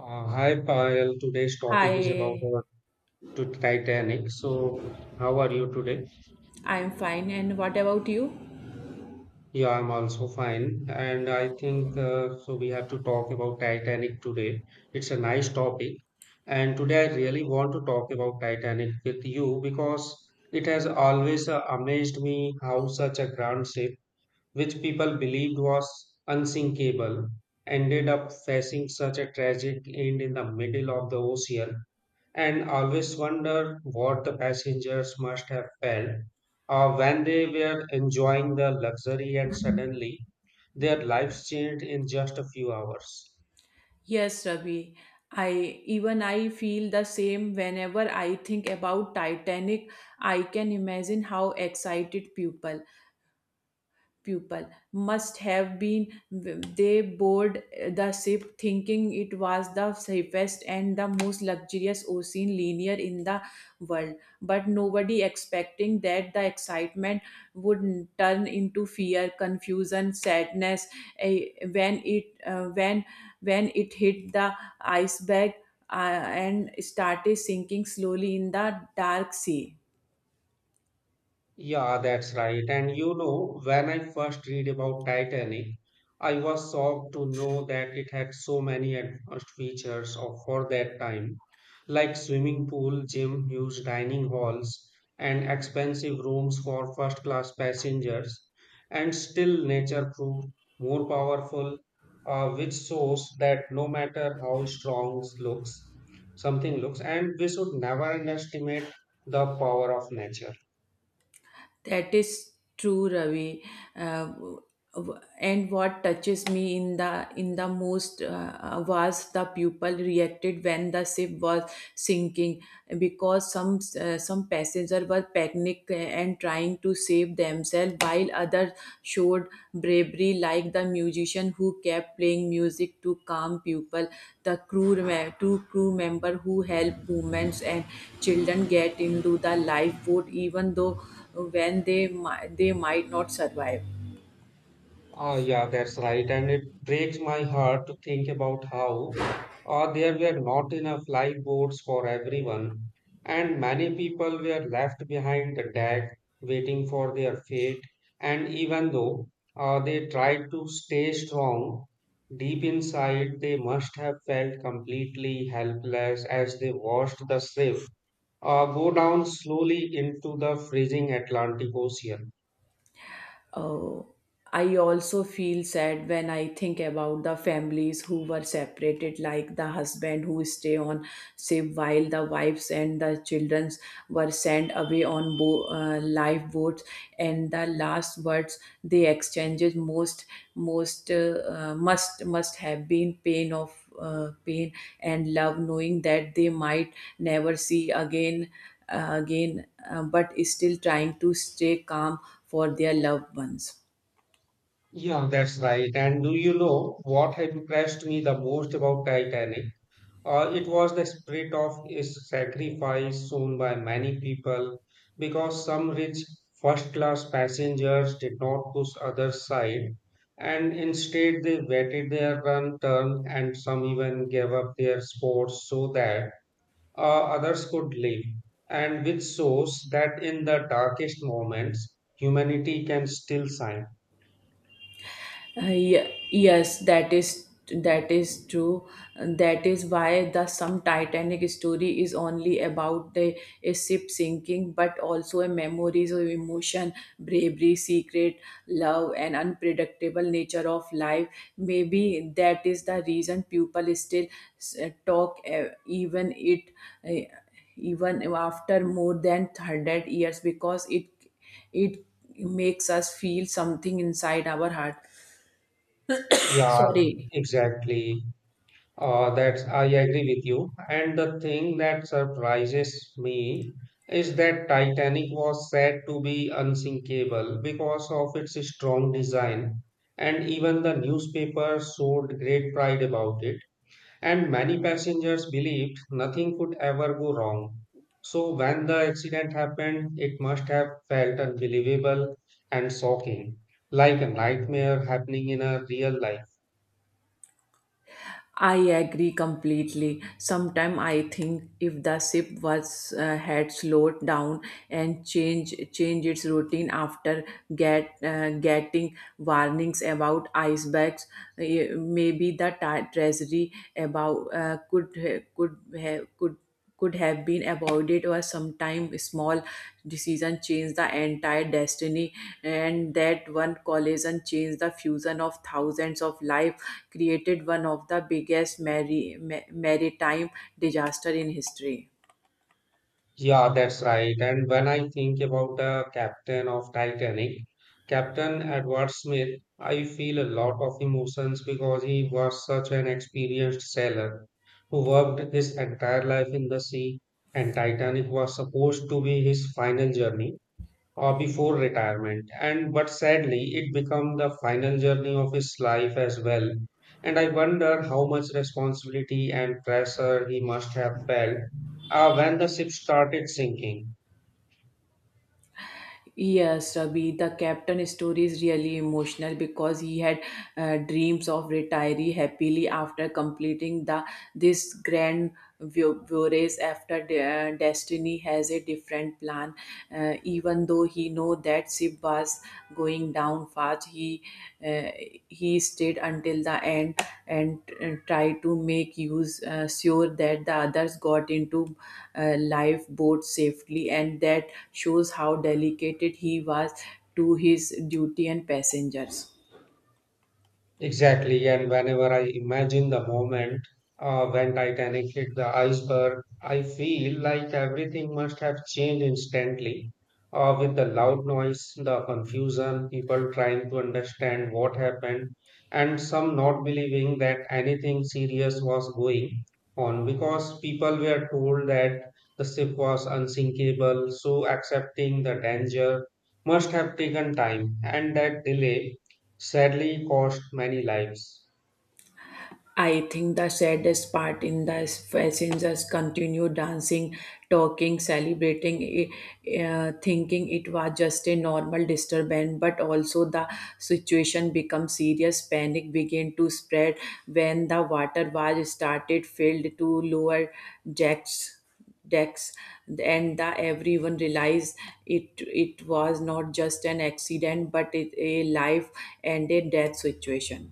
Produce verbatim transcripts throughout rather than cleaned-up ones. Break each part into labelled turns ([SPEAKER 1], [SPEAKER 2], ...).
[SPEAKER 1] Uh, hi Payal, today's topic is about
[SPEAKER 2] Hi,
[SPEAKER 1] uh, to Titanic. So, how are you today?
[SPEAKER 2] I'm fine. And what about you?
[SPEAKER 1] Yeah, I'm also fine, and I think uh, so. We have to talk about Titanic today. It's a nice topic, and today I really want to talk about Titanic with you because it has always uh, amazed me how such a grand ship, which people believed was unsinkable, ended up facing such a tragic end in the middle of the ocean, and always wonder what the passengers must have felt or when they were enjoying the luxury and suddenly their lives changed in just a few hours.
[SPEAKER 2] Yes, Ravi. I even I feel the same whenever I think about Titanic. I can imagine how excited people pupil must have been they board the ship thinking it was the safest and the most luxurious ocean liner in the world, but nobody expecting that the excitement would turn into fear, confusion, sadness eh, when it uh, when when it hit the iceberg uh, and started sinking slowly in the dark sea.
[SPEAKER 1] Yeah, that's right. And you know, when I first read about Titanic, I was shocked to know that it had so many advanced features of for that time, like swimming pool, gym, huge dining halls, and expensive rooms for first class passengers. And still, nature proved more powerful, uh, which shows that no matter how strong looks, something looks, and we should never underestimate the power of nature.
[SPEAKER 2] That is true, Ravi. Uh, w- and what touches me in the in the most uh, uh, was the people reacted when the ship was sinking, because some uh, some passengers were panicked and trying to save themselves while others showed bravery, like the musician who kept playing music to calm people, the crew me- two crew member who helped women and children get into the lifeboat, even though when they mi- they might not survive.
[SPEAKER 1] Ah, yeah, that's right. And it breaks my heart to think about how uh, there were not enough lifeboats for everyone, and many people were left behind the deck waiting for their fate. And even though uh, they tried to stay strong, deep inside they must have felt completely helpless as they watched the ship uh, go down slowly into the freezing Atlantic Ocean.
[SPEAKER 2] Oh, I also feel sad when I think about the families who were separated, like the husband who stay on ship while the wives and the children were sent away on bo- uh, lifeboats. And the last words they exchanged most most uh, uh, must must have been pain of uh, pain and love, knowing that they might never see again uh, again, uh, but still trying to stay calm for their loved ones.
[SPEAKER 1] Yeah, that's right. And do you know what had impressed me the most about Titanic? Uh, it was the spirit of its sacrifice shown by many people because some rich first class passengers did not push other side, and instead they waited their run turn, and some even gave up their sports so that uh, others could live. And which shows that in the darkest moments, humanity can still shine.
[SPEAKER 2] Uh, ye- yes, that is that is true. That is why the some Titanic story is only about the a ship sinking, but also a memories of emotion, bravery, secret, love, and unpredictable nature of life. Maybe that is the reason people still uh, talk uh, even it uh, even after more than hundred years, because it it makes us feel something inside our heart.
[SPEAKER 1] Yeah,
[SPEAKER 2] Sorry,
[SPEAKER 1] exactly. Uh, that's I agree with you. And the thing that surprises me is that Titanic was said to be unsinkable because of its strong design, and even the newspapers showed great pride about it. And many passengers believed nothing could ever go wrong. So when the accident happened, it must have felt unbelievable and shocking, like a nightmare happening in a real life.
[SPEAKER 2] I agree completely. Sometime I think if the ship was uh, had slowed down and change change its routine after get uh, getting warnings about icebergs, eh, maybe the ta- treasury about uh, could ha- could have could could have been avoided, or sometime small decision change the entire destiny, and that one collision changed the fusion of thousands of lives, created one of the biggest mari- ma- maritime disaster in history.
[SPEAKER 1] Yeah, that's right. And when I think about the captain of Titanic, Captain Edward Smith, I feel a lot of emotions because he was such an experienced sailor who worked his entire life in the sea, and Titanic was supposed to be his final journey uh, before retirement, and but sadly it became the final journey of his life as well, and I wonder how much responsibility and pressure he must have felt uh, when the ship started sinking.
[SPEAKER 2] Yes, Ravi, the captain story is really emotional because he had uh, dreams of retiring happily after completing the this grand vu- voyage, after de- uh, destiny has a different plan. Uh, even though he know that ship was going down fast, he uh, he stayed until the end and uh, tried to make use uh, sure that the others got into uh, lifeboat safely, and that shows how delicate he was to his duty and passengers.
[SPEAKER 1] Exactly, and whenever I imagine the moment uh, when Titanic hit the iceberg, I feel like everything must have changed instantly. Uh, with the loud noise, the confusion, people trying to understand what happened, and some not believing that anything serious was going on because people were told that the ship was unsinkable, so accepting the danger must have taken time, and that delay sadly cost many lives.
[SPEAKER 2] I think the saddest part in the passengers continue dancing, talking, celebrating, eh, eh, thinking it was just a normal disturbance. But also the situation become serious. Panic began to spread when the water was started filled to lower jacks decks, and the everyone realized it it was not just an accident but it, a life and a death situation.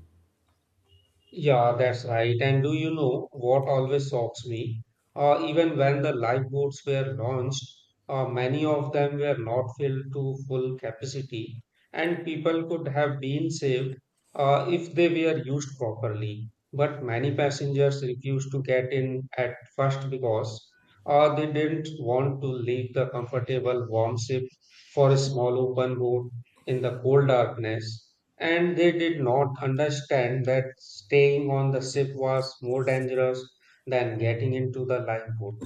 [SPEAKER 1] Yeah, that's right. And do you know what always shocks me? Uh, even when the lifeboats were launched, uh, many of them were not filled to full capacity, and people could have been saved uh, if they were used properly. But many passengers refused to get in at first because uh, they didn't want to leave the comfortable warm ship for a small open boat in the cold darkness, and they did not understand that staying on the ship was more dangerous than getting into the lifeboat.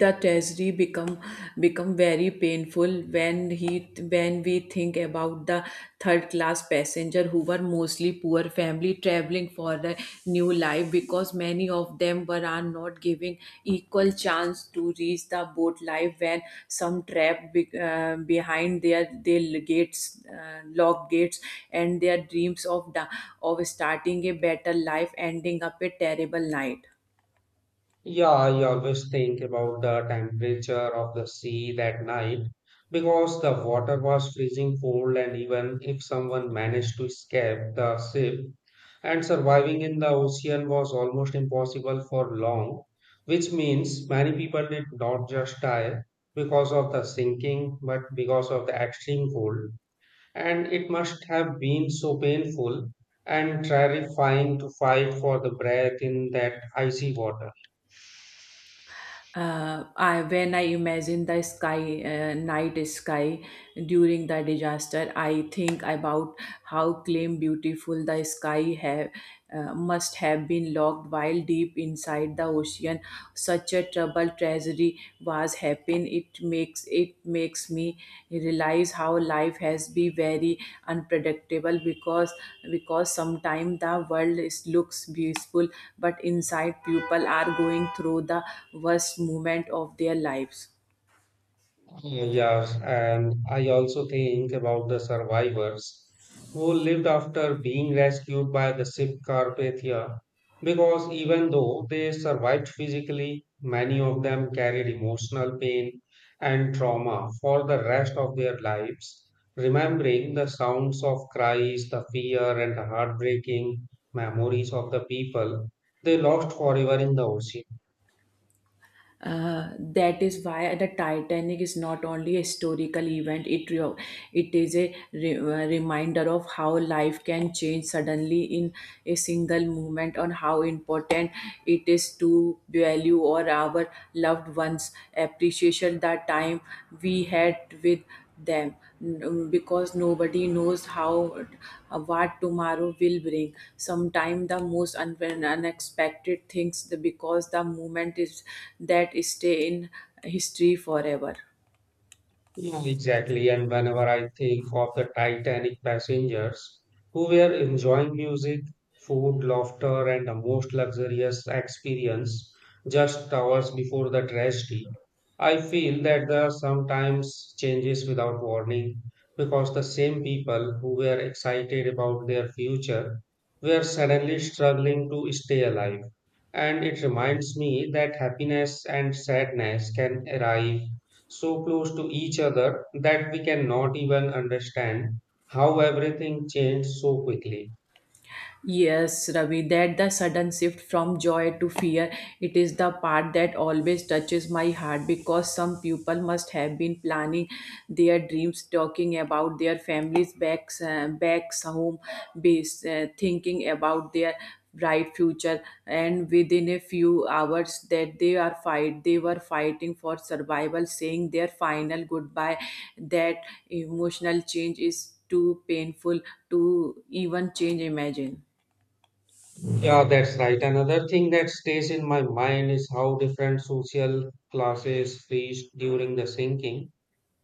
[SPEAKER 2] The tragedy become become very painful when he when we think about the third class passenger who were mostly poor family traveling for a new life, because many of them were are not giving equal chance to reach the boat life, when some trapped be, uh, behind their their gates, uh, locked gates, and their dreams of the, of starting a better life ending up a terrible night.
[SPEAKER 1] Yeah, I always think about the temperature of the sea that night because the water was freezing cold, and even if someone managed to escape the ship, and surviving in the ocean was almost impossible for long, which means many people did not just die because of the sinking, but because of the extreme cold. And it must have been so painful and terrifying to fight for the breath in that icy water.
[SPEAKER 2] Uh, I, when I imagine the sky, uh, night sky during the disaster, I think about how clean, beautiful the sky have, uh, must have been locked while deep inside the ocean. Such a troubled tragedy was happen, it makes it makes me realize how life has been very unpredictable, because because sometimes the world is, looks beautiful, but inside people are going through the worst moment of their lives.
[SPEAKER 1] Yes, and I also think about the survivors who lived after being rescued by the ship Carpathia because even though they survived physically, many of them carried emotional pain and trauma for the rest of their lives, remembering the sounds of cries, the fear, and the heartbreaking memories of the people they lost forever in the ocean.
[SPEAKER 2] Uh, that is why the Titanic is not only a historical event, it, re- it is a re- uh, reminder of how life can change suddenly in a single moment, on how important it is to value or our loved ones, appreciation the time we had with them, mm, because nobody knows how uh, what tomorrow will bring. Sometimes the most un- unexpected things the- because the moment is that stay in history forever.
[SPEAKER 1] Yeah, exactly. And whenever I think of the Titanic passengers who were enjoying music, food, laughter, and the most luxurious experience just hours before the tragedy, I feel that the sometimes changes without warning because the same people who were excited about their future were suddenly struggling to stay alive. And it reminds me that happiness and sadness can arrive so close to each other that we cannot even understand how everything changed so quickly.
[SPEAKER 2] Yes, Ravi, that the sudden shift from joy to fear, it is the part that always touches my heart, because some people must have been planning their dreams, talking about their families back, uh, back home, base, uh, thinking about their bright future, and within a few hours that they are fight they were fighting for survival, saying their final goodbye. That emotional change is too painful to even change imagine.
[SPEAKER 1] Yeah, that's right. Another thing that stays in my mind is how different social classes faced during the sinking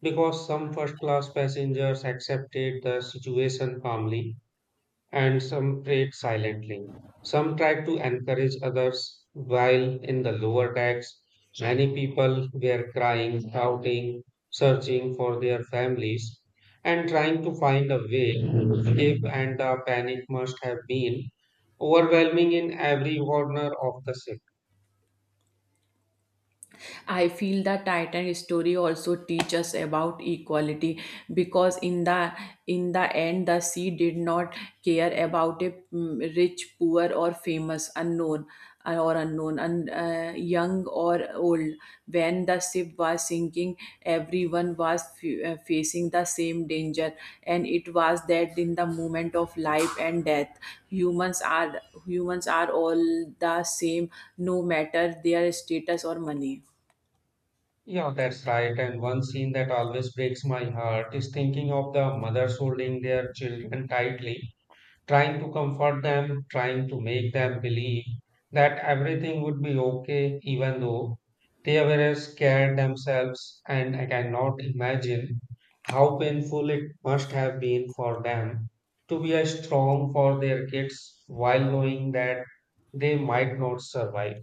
[SPEAKER 1] because some first class passengers accepted the situation calmly and some prayed silently. Some tried to encourage others, while in the lower decks, many people were crying, shouting, searching for their families, and trying to find a way. If and the panic must have been overwhelming in every corner of the ship.
[SPEAKER 2] I feel the Titan story also teach us about equality, because in the in the end the sea did not care about a mm, rich, poor or famous, unknown uh, or unknown, and uh, young or old. When the ship was sinking, everyone was f- uh, facing the same danger, and it was that in the moment of life and death, humans are humans are all the same, no matter their status or money.
[SPEAKER 1] Yeah, that's right. And one scene that always breaks my heart is thinking of the mothers holding their children tightly, trying to comfort them, trying to make them believe that everything would be okay, even though they were scared themselves. And I cannot imagine how painful it must have been for them to be as strong for their kids while knowing that they might not survive.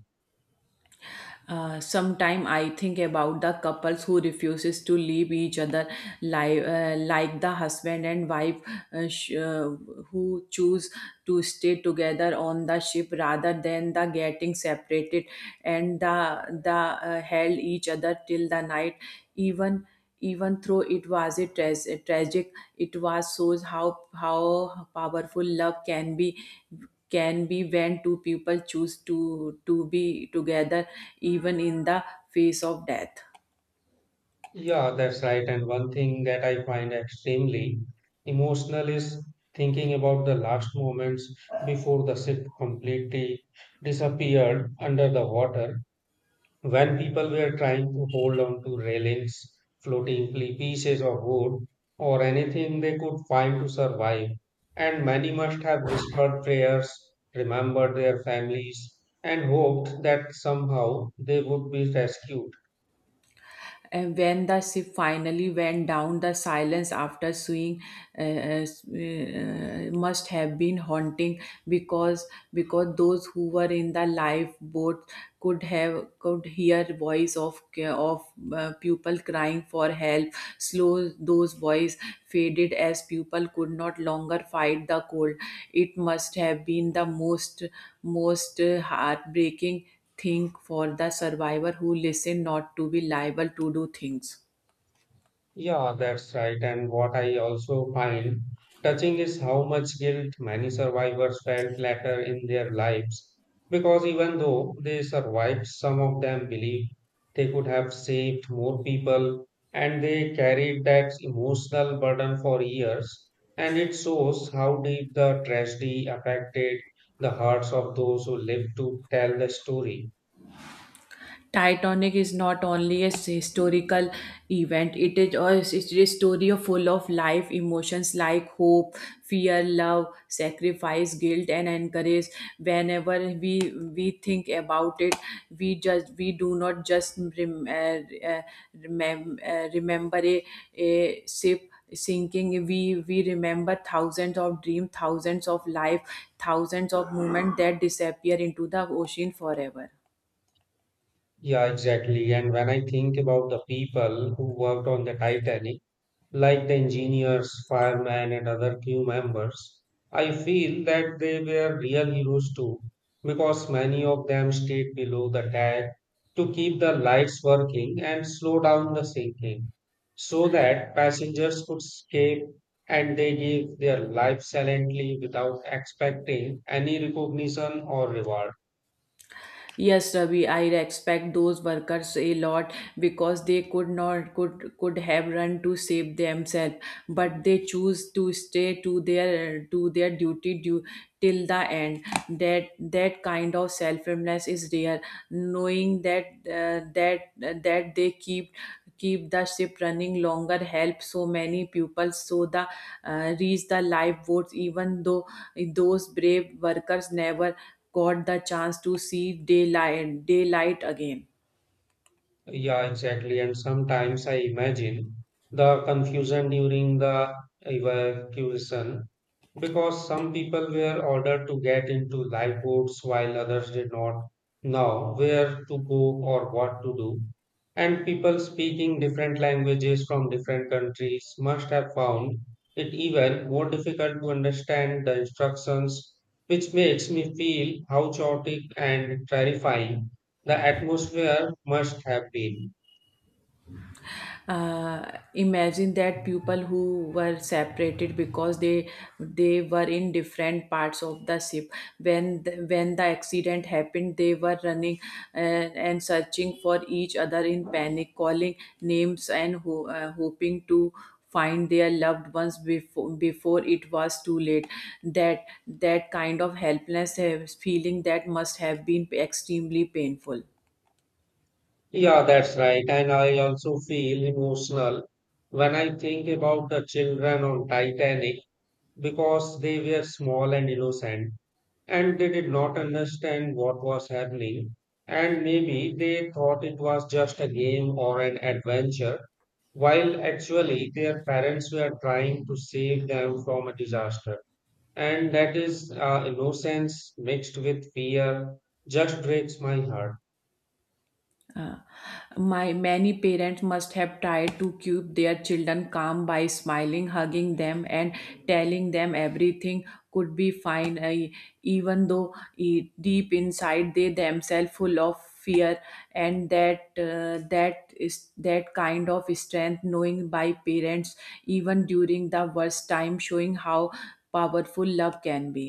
[SPEAKER 2] uh, Sometime I think about the couples who refuses to leave each other, li- uh, like the husband and wife, uh, sh- uh, who choose to stay together on the ship rather than the getting separated, and the the uh, held each other till the night, even even though it was a, tra- a tragic, it was shows how how powerful love can be, can be when two people choose to to be together even in the face of death.
[SPEAKER 1] Yeah, that's right. And one thing that I find extremely emotional is thinking about the last moments before the ship completely disappeared under the water, when people were trying to hold on to railings, floating pie- pieces of wood, or anything they could find to survive. And many must have whispered prayers, remembered their families, and hoped that somehow they would be rescued.
[SPEAKER 2] And when the ship finally went down, the silence after seeing uh, uh, uh, must have been haunting, because because those who were in the lifeboat could have could hear voice of of uh, people crying for help. Slow those voice faded as people could not longer fight the cold. It must have been the most most uh, heartbreaking. Think for the survivor who listen not to be liable to do things.
[SPEAKER 1] Yeah, that's right. And what I also find touching is how much guilt many survivors felt later in their lives. Because even though they survived, some of them believe they could have saved more people, and they carried that emotional burden for years. And it shows how deep the tragedy affected the hearts of those who lived to tell the story.
[SPEAKER 2] Titanic is not only a s- historical event, it is a, it is a story of full of life emotions like hope, fear, love, sacrifice, guilt, and encourage. Whenever we we think about it, we just we do not just rem, uh, uh, remem, uh, remember a, a ship sinking, we we remember thousands of dreams, thousands of life, thousands of moments that disappear into the ocean forever.
[SPEAKER 1] Yeah, exactly. And when I think about the people who worked on the Titanic, like the engineers, firemen, and other crew members, I feel that they were real heroes too, because many of them stayed below the deck to keep the lights working and slow down the sinking, so that passengers could escape, and they gave their life silently without expecting any recognition or reward.
[SPEAKER 2] Yes, Ravi, I respect those workers a lot, because they could not could could have run to save themselves, but they choose to stay to their to their duty, due, till the end. That that kind of selflessness is rare. Knowing that uh, that that they keep keep the ship running longer help so many pupils so the uh, reach the lifeboats, even though those brave workers never got the chance to see daylight daylight again.
[SPEAKER 1] Yeah, exactly. And sometimes I imagine the confusion during the evacuation because some people were ordered to get into lifeboats while others did not know where to go or what to do. And people speaking different languages from different countries must have found it even more difficult to understand the instructions, which makes me feel how chaotic and terrifying the atmosphere must have been.
[SPEAKER 2] uh, Imagine that people who were separated because they they were in different parts of the ship, when the, when the accident happened, they were running, and, and searching for each other in panic, calling names and ho- uh, hoping to find their loved ones, before before it was too late. That that kind of helpless uh, feeling that must have been extremely painful.
[SPEAKER 1] Yeah, that's right. And I also feel emotional when I think about the children on Titanic because they were small and innocent, and they did not understand what was happening. And maybe they thought it was just a game or an adventure, while actually their parents were trying to save them from a disaster. And that is uh, innocence mixed with fear just breaks my heart.
[SPEAKER 2] Uh, my many parents must have tried to keep their children calm by smiling, hugging them, and telling them everything could be fine, I- even though e- deep inside they themselves full of fear. And that uh, that is that kind of strength, knowing by parents even during the worst time, showing how powerful love can be.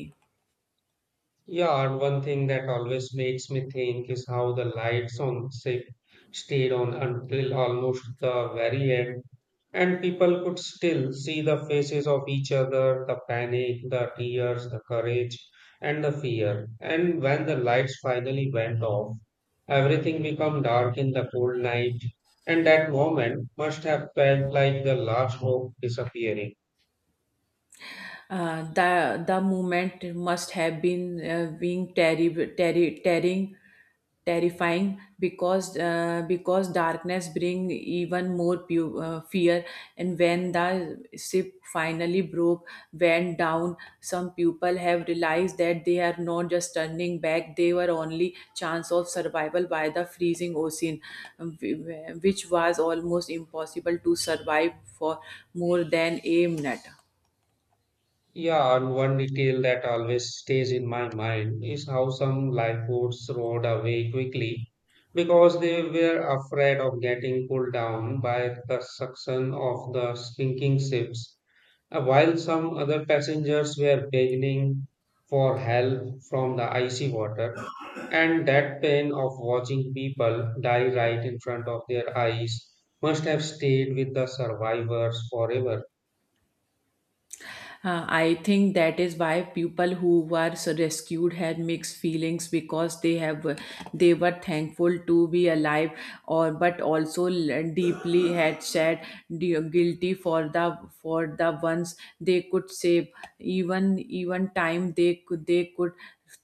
[SPEAKER 1] Yeah, and one thing that always makes me think is how the lights on ship stayed on until almost the very end, and people could still see the faces of each other, the panic, the tears, the courage, and the fear. And when the lights finally went off, everything became dark in the cold night, and that moment must have felt like the last hope disappearing.
[SPEAKER 2] Uh, the the movement must have been uh, being terri- terri- tearing terrifying, because uh, because darkness bring even more pu- uh, fear, and when the ship finally broke went down, some people have realized that they are not just turning back, they were only chance of survival by the freezing ocean, um, wh- which was almost impossible to survive for more than a minute.
[SPEAKER 1] Yeah, and one detail that always stays in my mind is how some lifeboats rowed away quickly because they were afraid of getting pulled down by the suction of the sinking ships, uh, while some other passengers were begging for help from the icy water. And that pain of watching people die right in front of their eyes must have stayed with the survivors forever.
[SPEAKER 2] Uh, I think that is why people who were s- rescued had mixed feelings, because they have they were thankful to be alive, or but also l- deeply had said guilty for the for the ones they could save. Even even time They could they could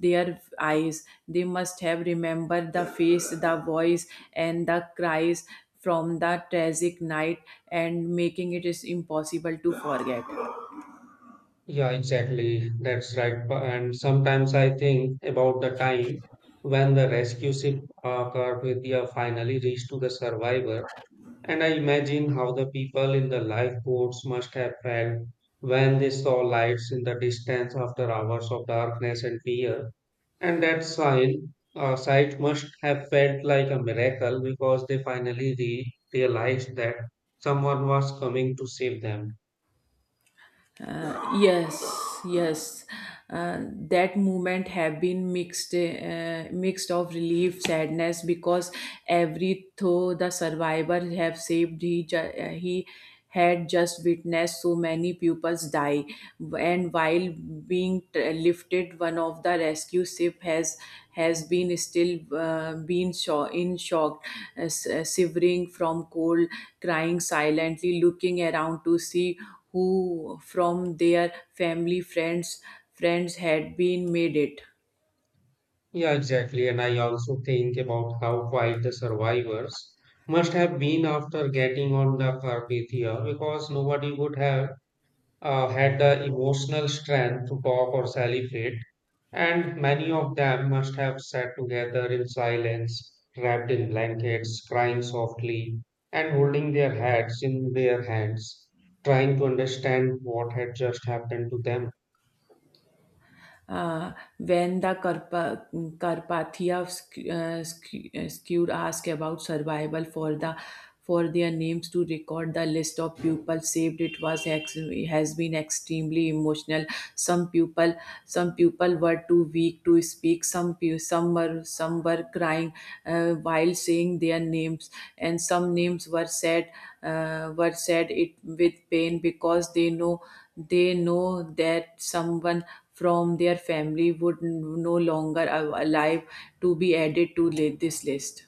[SPEAKER 2] their eyes, they must have remembered the face, the voice, and the cries from the tragic night, and making it is impossible to forget.
[SPEAKER 1] Yeah, exactly. That's right. Bu- And sometimes I think about the time when the rescue ship uh, Carpathia finally reached to the survivor, and I imagine how the people in the lifeboats must have felt when they saw lights in the distance after hours of darkness and fear. And that sign, uh, sight must have felt like a miracle because they finally re- realized that someone was coming to save them.
[SPEAKER 2] Uh, yes, yes. Uh, that moment have been mixed, uh, mixed of relief, sadness, because every though the survivor have saved, he ju- uh, he had just witnessed so many pupils die, and while being t- lifted, one of the rescue ship has has been still uh, been sho- in shock, uh, s- uh, shivering from cold, crying silently, looking around to see who from their family friends friends had been made it.
[SPEAKER 1] Yeah, exactly. And I also think about how quiet the survivors must have been after getting on the Carpathia because nobody would have uh, had the emotional strength to talk or celebrate. And many of them must have sat together in silence, wrapped in blankets, crying softly, and holding their heads in their hands, trying to understand what had just happened to them.
[SPEAKER 2] Uh, when the Karpa, Karpathia uh, Sk- uh, Skewed asked about survival for the for their names to record the list of people saved, it was ex- has been extremely emotional. some people some people were too weak to speak, some pe- some were some were crying uh, while saying their names, and some names were said uh, were said it with pain, because they know they know that someone from their family would no longer alive to be added to li- this list.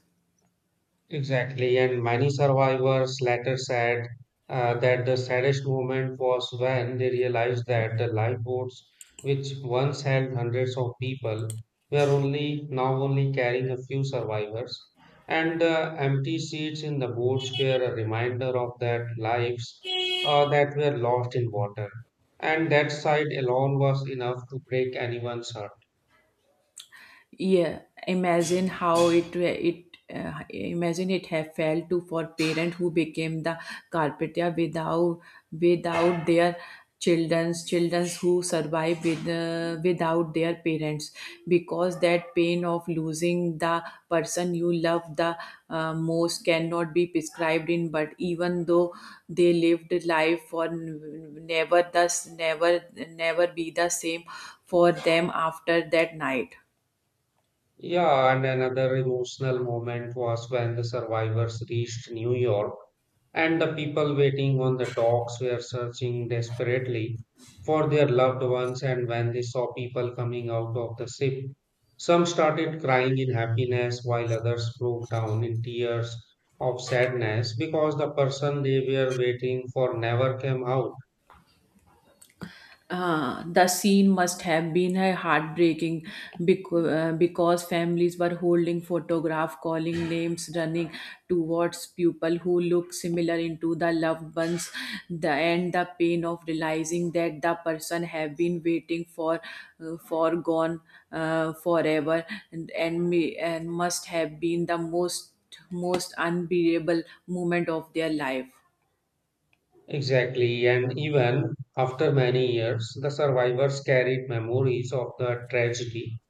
[SPEAKER 1] Exactly, and many survivors later said uh, that the saddest moment was when they realized that the lifeboats, which once held hundreds of people, were only now only carrying a few survivors, and the empty seats in the boats were a reminder of that lives uh, that were lost in water, and that sight alone was enough to break anyone's heart.
[SPEAKER 2] Yeah, imagine how it it uh, imagine it have felt to for parent who became the carpenter without without their children's children's who survive with uh, without their parents, because that pain of losing the person you love the uh, most cannot be prescribed in, but even though they lived life for n- never, thus never never be the same for them after that night.
[SPEAKER 1] Yeah, and another emotional moment was when the survivors reached New York and the people waiting on the docks were searching desperately for their loved ones, and when they saw people coming out of the ship, some started crying in happiness while others broke down in tears of sadness because the person they were waiting for never came out.
[SPEAKER 2] Uh, the scene must have been uh, heartbreaking, because, uh, because families were holding photographs, calling names, running towards people who look similar into the loved ones. The and the pain of realizing that the person have been waiting for, uh, for gone uh, forever, and and, me, and must have been the most most unbearable moment of their life.
[SPEAKER 1] Exactly, and even after many years the survivors carried memories of the tragedy.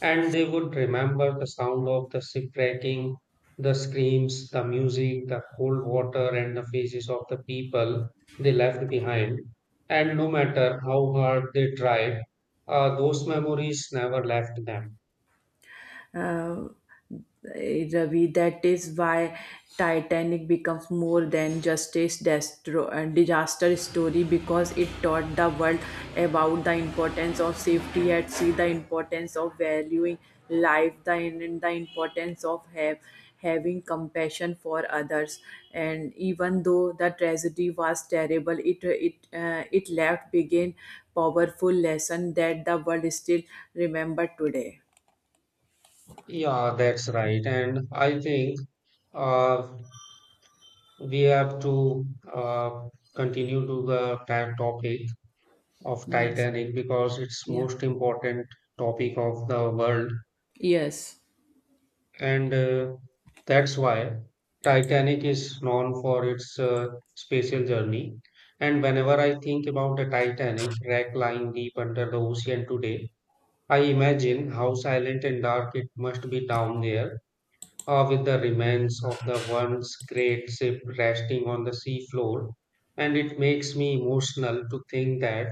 [SPEAKER 1] And they would remember the sound of the shipwrecking, the screams, the music, the cold water, and the faces of the people they left behind. And no matter how hard they tried, uh, those memories never left them.
[SPEAKER 2] uh, Ravi, that is why Titanic becomes more than just a destro- uh, disaster story, because it taught the world about the importance of safety at sea, the importance of valuing life, the, and the importance of have, having compassion for others. And even though the tragedy was terrible, it it uh, it left began powerful lesson that the world still remember today.
[SPEAKER 1] Yeah, that's right. And I think uh, we have to uh, continue to the ta- topic of
[SPEAKER 2] Yes.
[SPEAKER 1] Titanic because it's
[SPEAKER 2] Yeah.
[SPEAKER 1] most important topic of the world.
[SPEAKER 2] Yes.
[SPEAKER 1] And uh, that's why Titanic is known for its uh, spatial journey. And whenever I think about the Titanic wreck lying deep under the ocean today, I imagine how silent and dark it must be down there, uh, with the remains of the once great ship resting on the seafloor, and it makes me emotional to think that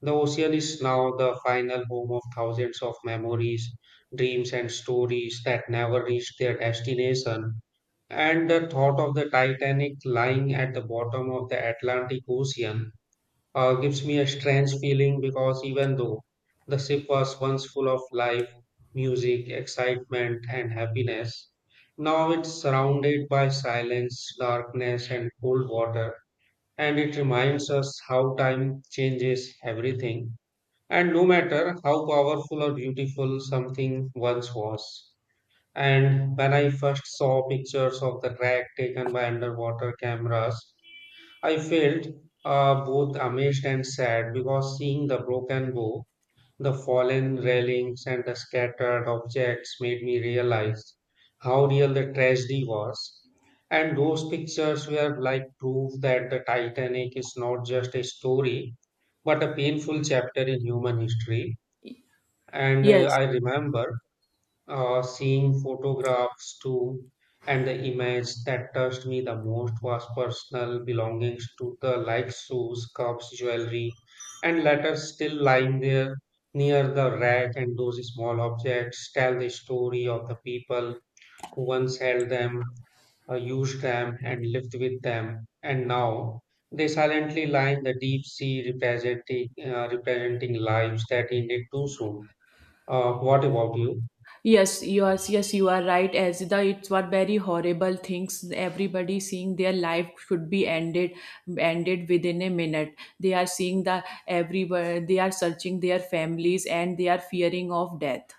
[SPEAKER 1] the ocean is now the final home of thousands of memories, dreams, and stories that never reached their destination. And the thought of the Titanic lying at the bottom of the Atlantic Ocean uh, gives me a strange feeling because even though the ship was once full of life, music, excitement, and happiness, now it's surrounded by silence, darkness, and cold water. And it reminds us how time changes everything, and no matter how powerful or beautiful something once was. And when I first saw pictures of the wreck taken by underwater cameras, I felt uh, both amazed and sad because seeing the broken bow, the fallen railings, and the scattered objects made me realize how real the tragedy was. And those pictures were like proof that the Titanic is not just a story, but a painful chapter in human history. And uh,
[SPEAKER 2] Yes.
[SPEAKER 1] I remember uh, seeing photographs too, and the image that touched me the most was personal belongings to the like shoes, cups, jewelry, and letters still lying there near the rack. And those small objects tell the story of the people who once held them, uh, used them, and lived with them. And now they silently lie in the deep sea, representing uh, representing lives that ended too soon. Uh, what about you?
[SPEAKER 2] Yes. You are. Yes, you are right. As the it's one very horrible things. Everybody seeing their life should be ended, ended within a minute. They are seeing the everywhere. They are searching their families, and they are fearing of death.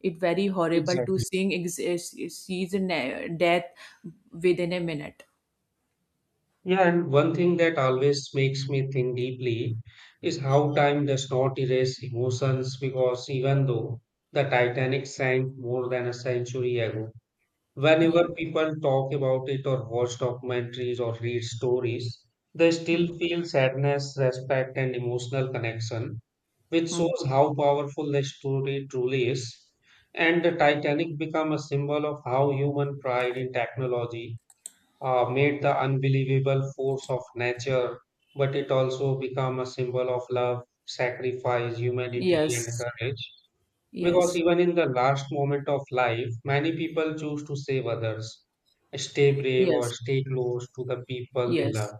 [SPEAKER 2] It very horrible to
[SPEAKER 1] Exactly.
[SPEAKER 2] seeing ex- sees ne- death within a minute.
[SPEAKER 1] Yeah, and one thing that always makes me think deeply is how time does not erase emotions because even though the Titanic sank more than a century ago,
[SPEAKER 2] Yeah.
[SPEAKER 1] whenever people talk about it or watch documentaries or read stories, they still feel sadness, respect, and emotional connection, which
[SPEAKER 2] Hmm.
[SPEAKER 1] shows how powerful the story truly is. And the Titanic become a symbol of how human pride in technology uh, made the unbelievable force of nature, but it also became a symbol of love, sacrifice, humanity, and
[SPEAKER 2] Yes.
[SPEAKER 1] courage. Because
[SPEAKER 2] Yes.
[SPEAKER 1] even in the last moment of life, many people choose to save others, stay brave, or
[SPEAKER 2] Yes.
[SPEAKER 1] stay close to the people they
[SPEAKER 2] Yes.
[SPEAKER 1] love.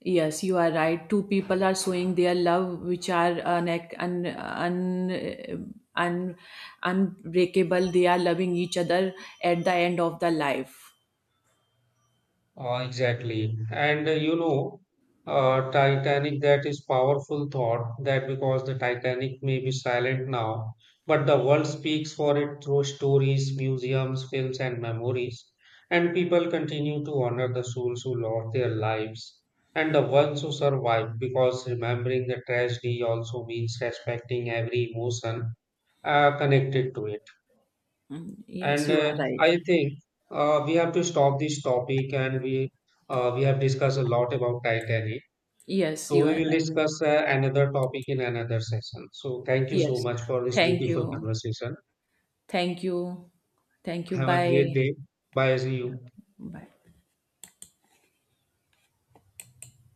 [SPEAKER 2] Yes, you are right. Two people are showing their love, which are un, un, un, un, unbreakable. They are loving each other at the end of the life.
[SPEAKER 1] Uh, exactly. And uh, you know, uh, Titanic, that is powerful thought that because the Titanic may be silent now, but the world speaks for it through stories, museums, films, and memories. And people continue to honor the souls who lost their lives and the ones who survived because remembering the tragedy also means respecting every emotion uh, connected to it.
[SPEAKER 2] Mm, yes,
[SPEAKER 1] And
[SPEAKER 2] you are
[SPEAKER 1] uh,
[SPEAKER 2] right.
[SPEAKER 1] I think uh, we have to stop this topic, and we uh, we have discussed a lot about Titanic.
[SPEAKER 2] Yes,
[SPEAKER 1] So
[SPEAKER 2] you are
[SPEAKER 1] we will
[SPEAKER 2] right.
[SPEAKER 1] discuss uh, another topic in another session. So thank you so
[SPEAKER 2] Yes.
[SPEAKER 1] much for this
[SPEAKER 2] Thank
[SPEAKER 1] beautiful
[SPEAKER 2] you.
[SPEAKER 1] conversation.
[SPEAKER 2] Thank you. Thank you.
[SPEAKER 1] Have a great
[SPEAKER 2] Bye.
[SPEAKER 1] day. Bye, see you.
[SPEAKER 2] Bye.